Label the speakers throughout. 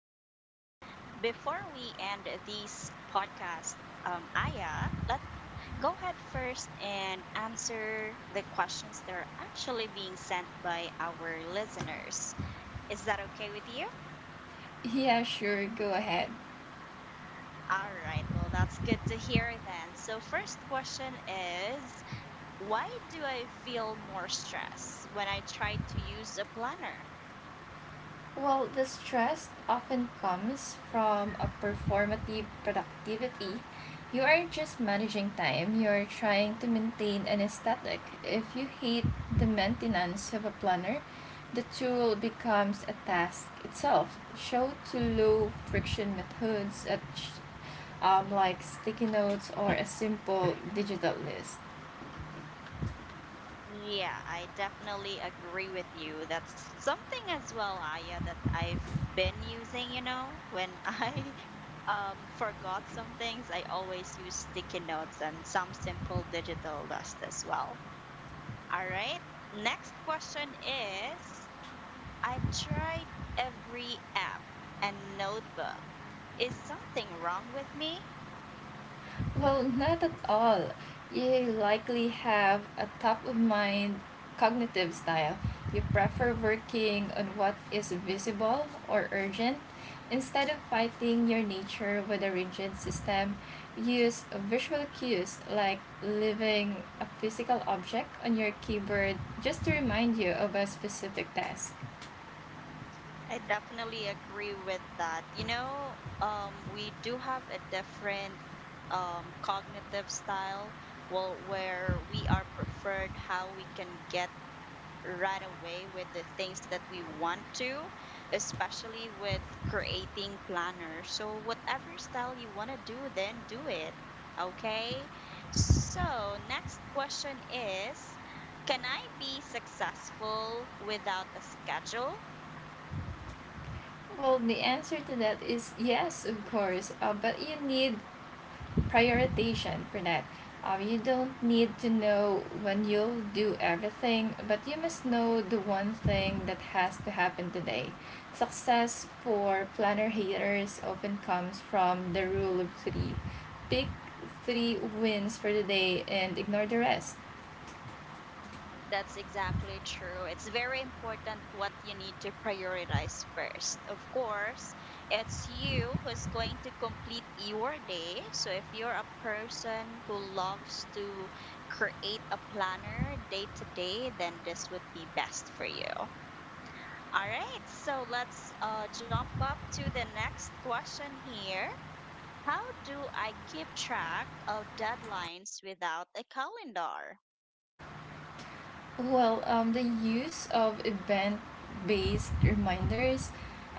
Speaker 1: Before we end this podcast, Aya, let go ahead first and answer the questions that are actually being sent by our listeners. Is that okay with you?
Speaker 2: Yeah, sure, go ahead.
Speaker 1: All right. Well, that's good to hear then. So, first question is, why do I feel more stress when I try to use a planner?
Speaker 2: Well, the stress often comes from a performative productivity. You aren't just managing time, you're trying to maintain an aesthetic. If you hate the maintenance of a planner, the tool becomes a task itself. Show to low friction methods at, like sticky notes or a simple digital list.
Speaker 1: Yeah, I definitely agree with you. That's something as well, Aya, that I've been using, when I forgot some things, I always use sticky notes and some simple digital list as well. All right. Next question is, I've tried every app and notebook. Is something wrong with me?
Speaker 2: Well, not at all. You likely have a top of mind cognitive style. You prefer working on what is visible or urgent instead of fighting your nature with a rigid system. Use visual cues like leaving a physical object on your keyboard just to remind you of a specific task.
Speaker 1: I definitely agree with that. We do have a different cognitive style well, where we are preferred how we can get right away with the things that we want to, especially with creating planners. So, whatever style you want to do, then do it. Okay. So, next question is, can I be successful without a schedule?
Speaker 2: Well, the answer to that is yes, of course, but you need prioritization for that. You don't need to know when you'll do everything, but you must know the one thing that has to happen today. Success for planner haters often comes from the rule of three. Pick three wins for the day and ignore the rest.
Speaker 1: That's exactly true. It's very important what you need to prioritize first. Of course, it's you who's going to complete your day. So if you're a person who loves to create a planner day to day, then this would be best for you. All right, so let's jump up to the next question here. How do I keep track of deadlines without a calendar?
Speaker 2: The use of event based reminders,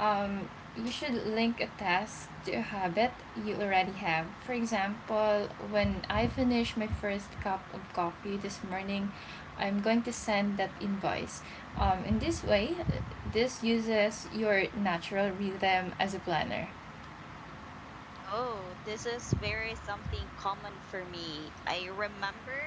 Speaker 2: um, you should link a task to a habit you already have. For example, when I finish my first cup of coffee this morning, I'm going to send that invoice. In this way, this uses your natural rhythm as a planner.
Speaker 1: Oh, this is very something common for me. I remember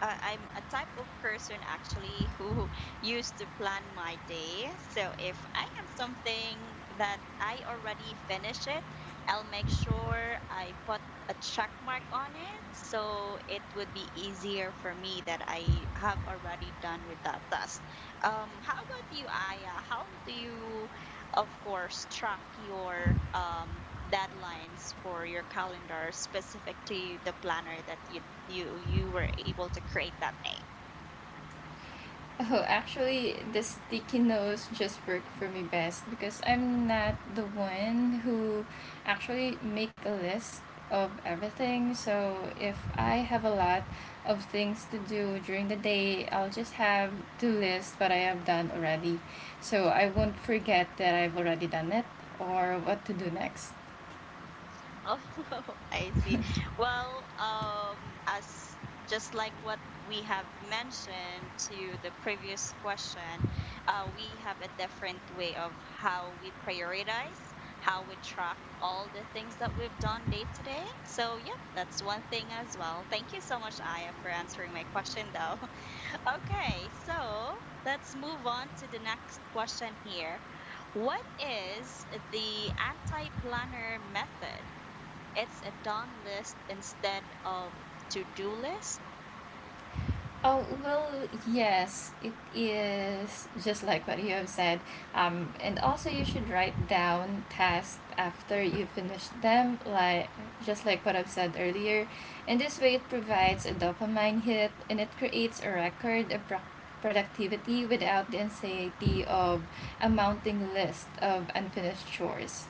Speaker 1: I'm a type of person actually who used to plan my day. So if I have something that I already finish it, I'll make sure I put a check mark on it so it would be easier for me that I have already done with that task. How about you, Aya? How do you of course, track your deadlines for your calendar specific to the planner that you were able to create that.
Speaker 2: Oh, actually, the sticky notes just work for me best because I'm not the one who actually make a list of everything. So if I have a lot of things to do during the day, I'll just have to list what I have done already. So I won't forget that I've already done it or what to do next.
Speaker 1: Oh, I see. Well, as just like what we have mentioned to the previous question, we have a different way of how we prioritize, how we track all the things that we've done day to day. So, yep, that's one thing as well. Thank you so much, Aya, for answering my question, though. Okay, so let's move on to the next question here. What is the anti planner method? It's a done list instead of to-do list.
Speaker 2: Oh, well, yes, it is just like what you have said. And also, you should write down tasks after you finish them, like just like what I've said earlier. And this way, it provides a dopamine hit and it creates a record of productivity without the anxiety of a mounting list of unfinished chores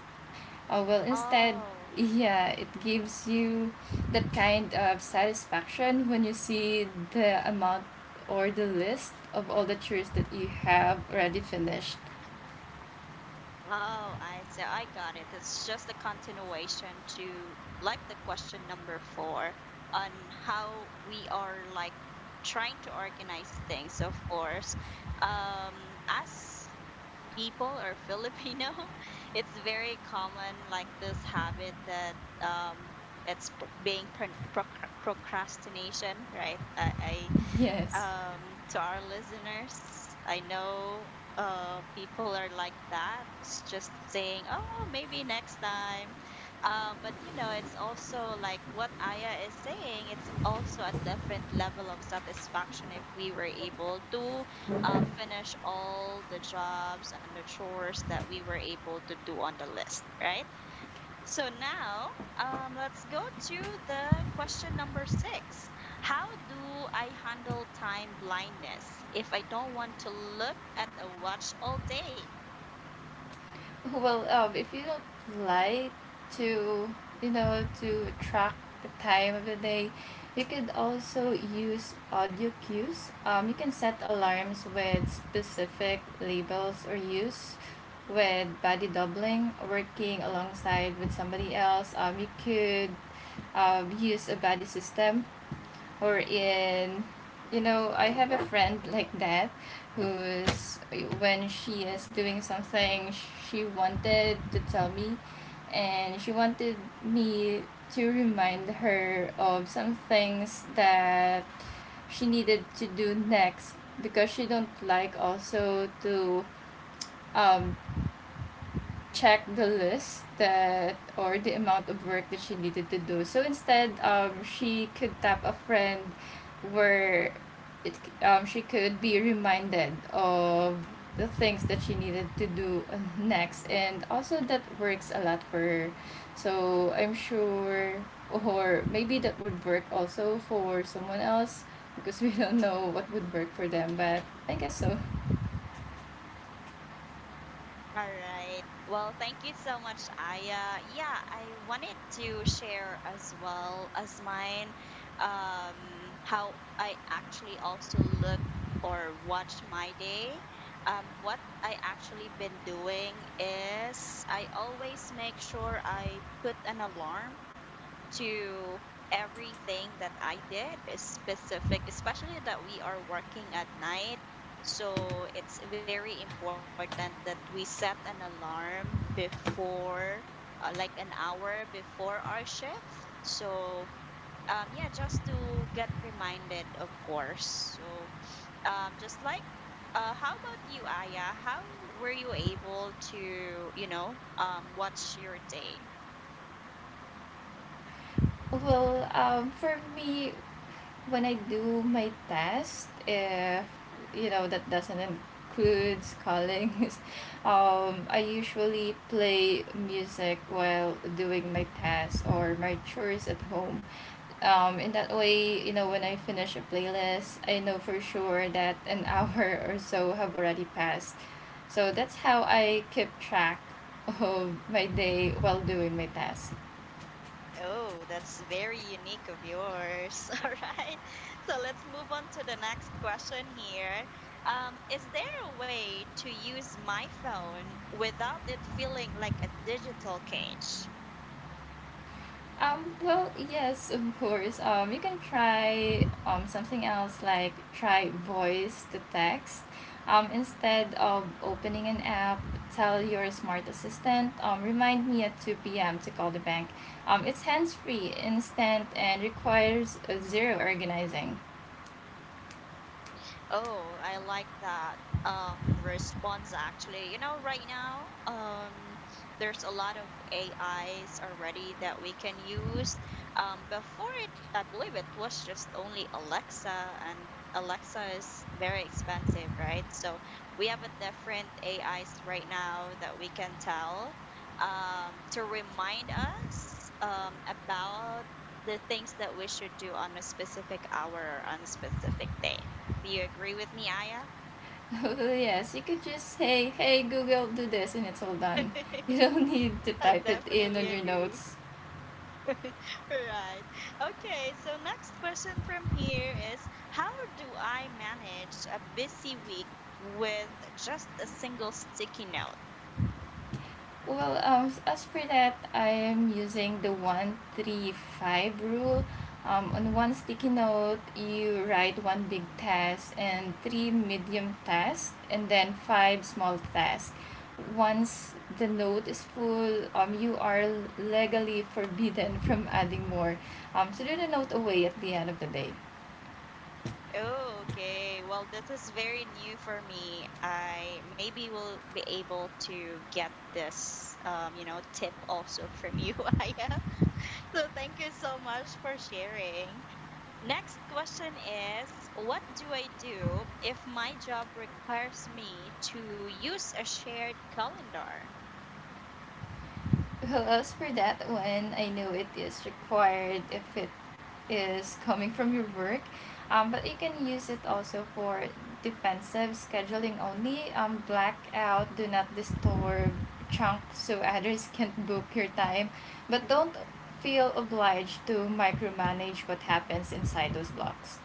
Speaker 2: well instead
Speaker 1: Oh,
Speaker 2: yeah it gives you that kind of satisfaction when you see the amount or the list of all the chores that you have already finished.
Speaker 1: oh, I see. I got it. It's just a continuation to like the question number four on how we are like trying to organize things, of course. As people or Filipino, it's very common like this habit that um it's pr- being pron- proc- procrastination, right? I
Speaker 2: Yes.
Speaker 1: to our listeners. I know people are like that. It's just saying, oh, maybe next time. But, you know, it's also like what Aya is saying, it's also a different level of satisfaction if we were able to finish all the jobs and the chores that we were able to do on the list, right? So now, let's go to the question number six. How do I handle time blindness if I don't want to look at a watch all day?
Speaker 2: If you don't like to, you know, to track the time of the day, you could also use audio cues. You can set alarms with specific labels or use with body doubling, working alongside with somebody else. You could use a buddy system or in, you know, I have a friend like that who's, when she is doing something, she wanted to tell me and she wanted me to remind her of some things that she needed to do next because she don't like also to um check the list that or the amount of work that she needed to do. So instead, she could tap a friend where it she could be reminded of the things that she needed to do next, and also that works a lot for her. So I'm sure or maybe that would work also for someone else because we don't know what would work for them, but I guess so.
Speaker 1: All right. Well, thank you so much, Aya. Yeah, I wanted to share as well as mine how I actually also look or watch my day. What I actually been doing is I always make sure I put an alarm to everything that I did is specific, especially that we are working at night. So it's very important that we set an alarm before, like an hour before our shift. So, yeah, just to get reminded, of course. So, um, just like, how about you, Aya? How were you able to, you know, watch your day?
Speaker 2: For me, when I do my test, if you know that doesn't include callings, I usually play music while doing my tasks or my chores at home. In that way, you know, when I finish a playlist, I know for sure that an hour or so have already passed. So that's how I keep track of my day while doing my tasks.
Speaker 1: Oh, that's very unique of yours. All right. So let's move on to the next question here. Is there a way to use my phone without it feeling like a digital cage?
Speaker 2: Yes, of course. You can try something else like try voice to text. Instead of opening an app, tell your smart assistant, remind me at 2 p.m. to call the bank. It's hands free, instant, and requires zero organizing.
Speaker 1: Oh, I like that response actually. You know, right now, there's a lot of AIs already that we can use. Before it I believe it was just only Alexa and Alexa is very expensive, right? So we have a different AIs right now that we can tell to remind us about the things that we should do on a specific hour or on a specific day. Do you agree with me, Aya?
Speaker 2: Yes, you could just say, hey, Google, do this, and it's all done. You don't need to
Speaker 1: I
Speaker 2: type it in
Speaker 1: definitely
Speaker 2: on your
Speaker 1: agree.
Speaker 2: notes.
Speaker 1: Right. Okay, so next question from here is, how do I manage a busy week with just a single sticky note?
Speaker 2: As for that, I am using the 1-3-5 rule. On one sticky note, you write one big task and three medium tasks, and then five small tasks. Once the note is full, you are legally forbidden from adding more. So do the note away at the end of the day.
Speaker 1: Oh, okay. Well, this is very new for me. I maybe will be able to get this you know, tip also from you, Aya. So thank you so much for sharing. Next question is, what do I do if my job requires me to use a shared calendar?
Speaker 2: Well, as for that one, I know it is required if it is coming from your work, but you can use it also for defensive scheduling only. Blackout, do not disturb chunk so others can't book your time, but don't feel obliged to micromanage what happens inside those blocks.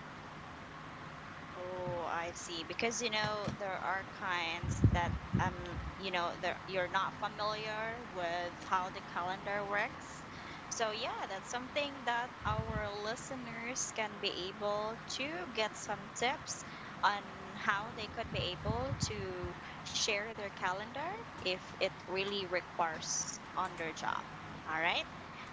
Speaker 1: Oh, I see. Because you know there are kinds that um you know there you're not familiar with how the calendar works. So yeah, that's something that our listeners can be able to get some tips on how they could be able to share their calendar if it really requires on their job. All right.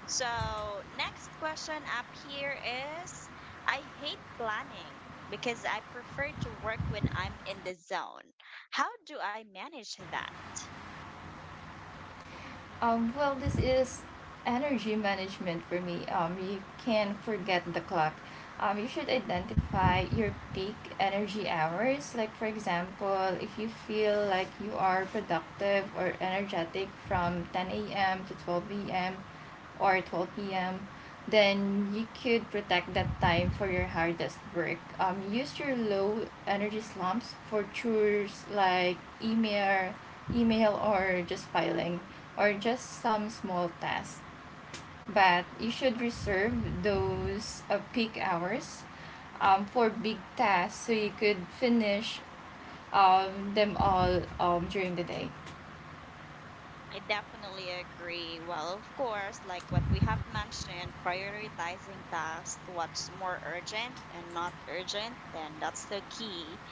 Speaker 1: So next question up here is, I hate planning because I prefer to work when I'm in the zone. How do I manage that?
Speaker 2: This is energy management for me. You can forget the clock. You should identify your peak energy hours. Like, for example, if you feel like you are productive or energetic from 10 a.m. to 12 a.m., or 12 p.m., then you could protect that time for your hardest work. Use your low energy slumps for chores like email, email or just filing, or just some small tasks. But you should reserve those peak hours for big tasks so you could finish them all during the day.
Speaker 1: I definitely agree. Well, of course, like what we have mentioned, prioritizing tasks, what's more urgent and not urgent, then that's the key.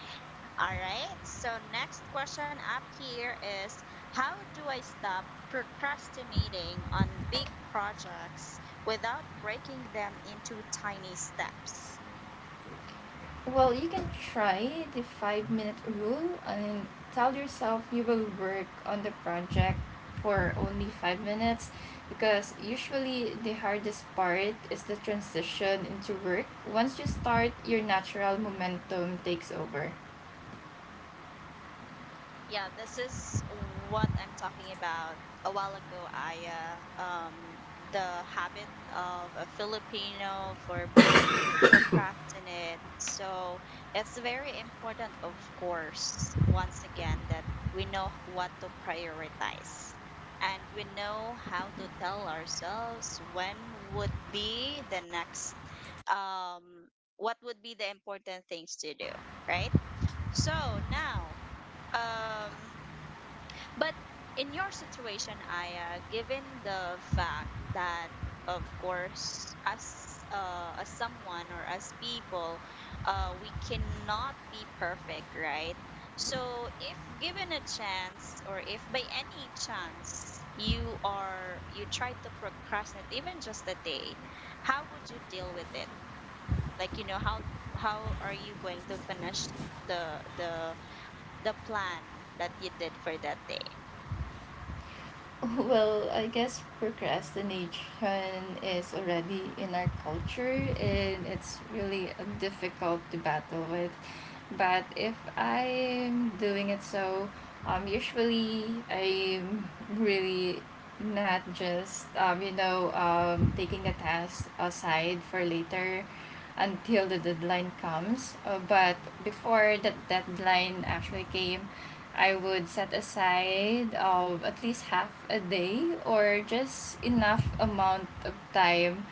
Speaker 1: All right. So, next question up here is, how do I stop procrastinating on big projects without breaking them into tiny steps?
Speaker 2: Well, you can try the 5 minute rule and tell yourself you will work on the project for only 5 minutes because usually the hardest part is the transition into work. Once you start, your natural momentum takes over.
Speaker 1: Yeah, this is what I'm talking about. A while ago, I uh, um, the habit of a Filipino for being procrastinate. So it's very important, of course, once again, that we know what to prioritize and we know how to tell ourselves when would be the next, um, what would be the important things to do, right? So now, um but in your situation, Aya, given the fact that, of course, as someone or as people, we cannot be perfect, right? So, if given a chance, or if by any chance you try to procrastinate even just a day, how would you deal with it? Like, you know, how are you going to finish the the the plan that you did for that day?
Speaker 2: Well, I guess procrastination is already in our culture and it's really a difficult to battle with. But if I'm doing it so, usually I'm really not just, taking the task aside for later until the deadline comes. But before that deadline actually came, I would set aside of at least half a day or just enough amount of time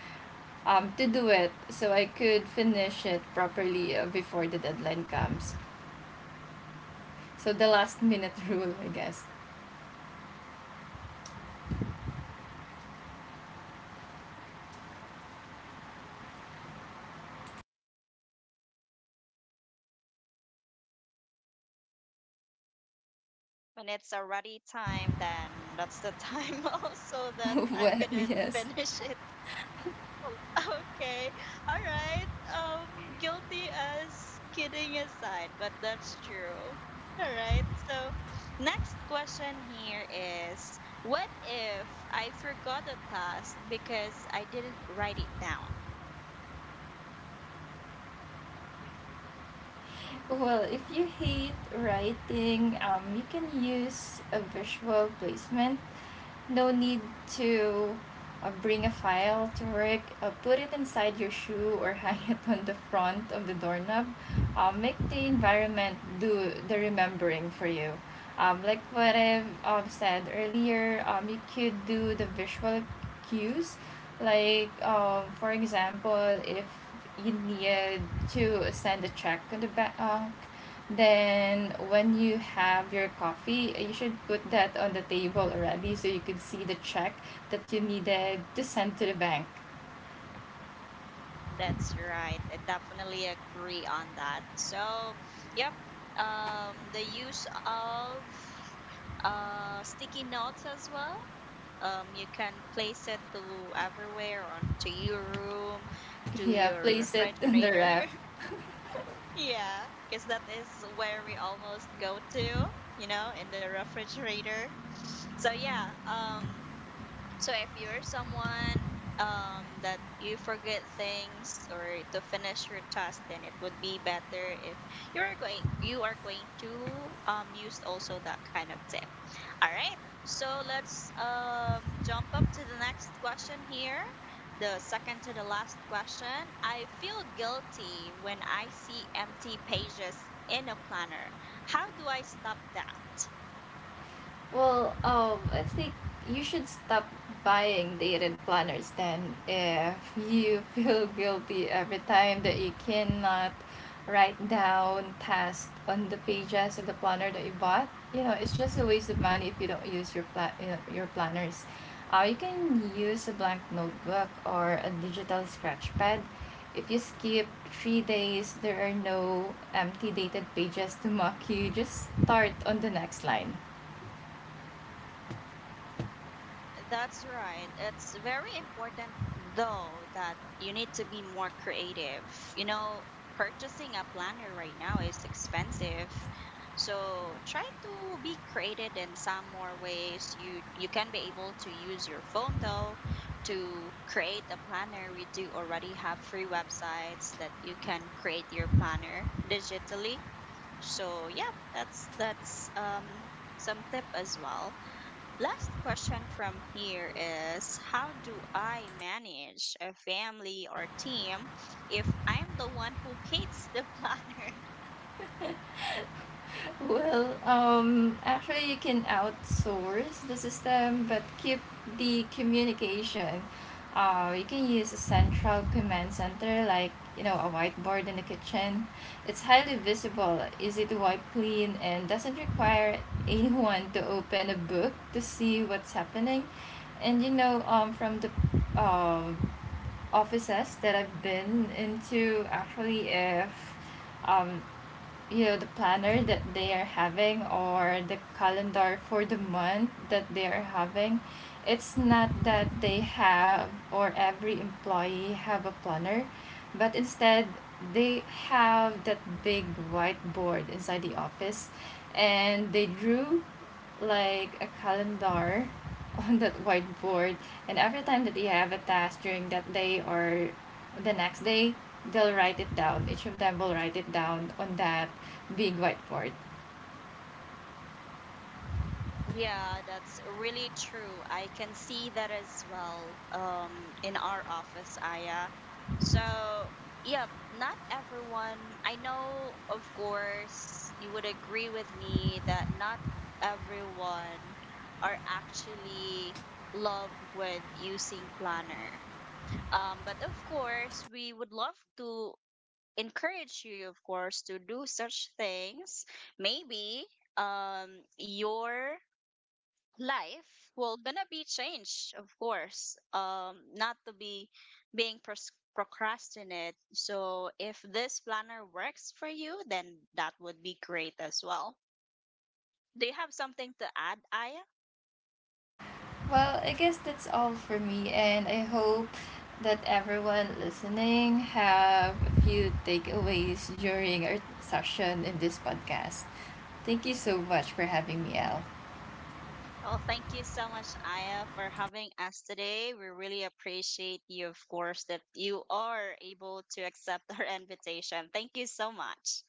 Speaker 2: to do it so I could finish it properly before the deadline comes. So the last minute rule, I guess.
Speaker 1: When it's already time, then that's the time also that I'm
Speaker 2: Well,
Speaker 1: gonna
Speaker 2: yes.
Speaker 1: finish it. Okay. All right. Um, guilty as kidding aside, but that's true. All right. So, next question here is, what if I forgot a task because I didn't write it down?
Speaker 2: Well, if you hate writing, you can use a visual placement. No need to bring a file to work. Put it inside your shoe or hang it on the front of the doorknob. Make the environment do the remembering for you. Like what I've said earlier, you could do the visual cues. Like, for example, if you need to send a check on the bank, then when you have your coffee, you should put that on the table already so you could see the check that you needed to send to the bank.
Speaker 1: That's right. I definitely agree on that. So, yep. The use of sticky notes as well. You can place it to everywhere on to your room, to
Speaker 2: Yeah,
Speaker 1: your
Speaker 2: place it in the
Speaker 1: refrigerator.
Speaker 2: ref.
Speaker 1: Yeah, because that is where we almost go to, you know, in the refrigerator. So yeah, so if you're someone that you forget things or to finish your task, then it would be better if you are going to use also that kind of tip. All right. So let's jump up to the next question here. The second to the last question. I feel guilty when I see empty pages in a planner. How do I stop that?
Speaker 2: I think you should stop buying dated planners then if you feel guilty every time that you cannot write down tasks on the pages of the planner that you bought. You know, it's just a waste of money if you don't use your you know, your planners. You can use a blank notebook or a digital scratch pad. If you skip 3 days, there are no empty dated pages to mock you. Just start on the next line.
Speaker 1: That's right. It's very important, though, that you need to be more creative. You know, purchasing a planner right now is expensive. So try to be creative in some more ways. You can be able to use your phone though to create a planner. We do already have free websites that you can create your planner digitally. So yeah, that's some tip as well. Last question from here is, how do I manage a family or team if I'm the one who hates the planner?
Speaker 2: Actually, you can outsource the system, but keep the communication. You can use a central command center, like, you know, a whiteboard in the kitchen. It's highly visible, easy to wipe clean, and doesn't require anyone to open a book to see what's happening. And you know, from the um, offices that I've been into, actually, if um, you know the planner that they are having or the calendar for the month that they are having, it's not that they have or every employee have a planner, but instead they have that big whiteboard inside the office, and they drew like a calendar on that whiteboard, and every time that they have a task during that day or the next day, they'll write it down. Each of them will write it down on that big whiteboard.
Speaker 1: Yeah, that's really true. I can see that as well in our office, Aya. So, yep, not everyone. I know, of course, you would agree with me that not everyone are actually love with using planner. But of course, we would love to encourage you, of course, to do such things. Maybe your life will gonna be changed, of course. Not to be procrastinate. So if this planner works for you, then that would be great as well. Do you have something to add, Aya?
Speaker 2: Well, I guess that's all for me, and I hope that everyone listening have a few takeaways during our session in this podcast. Thank you so much for having me, Al.
Speaker 1: Well, thank you so much, Aya, for having us today. We really appreciate you, of course, that you are able to accept our invitation. Thank you so much.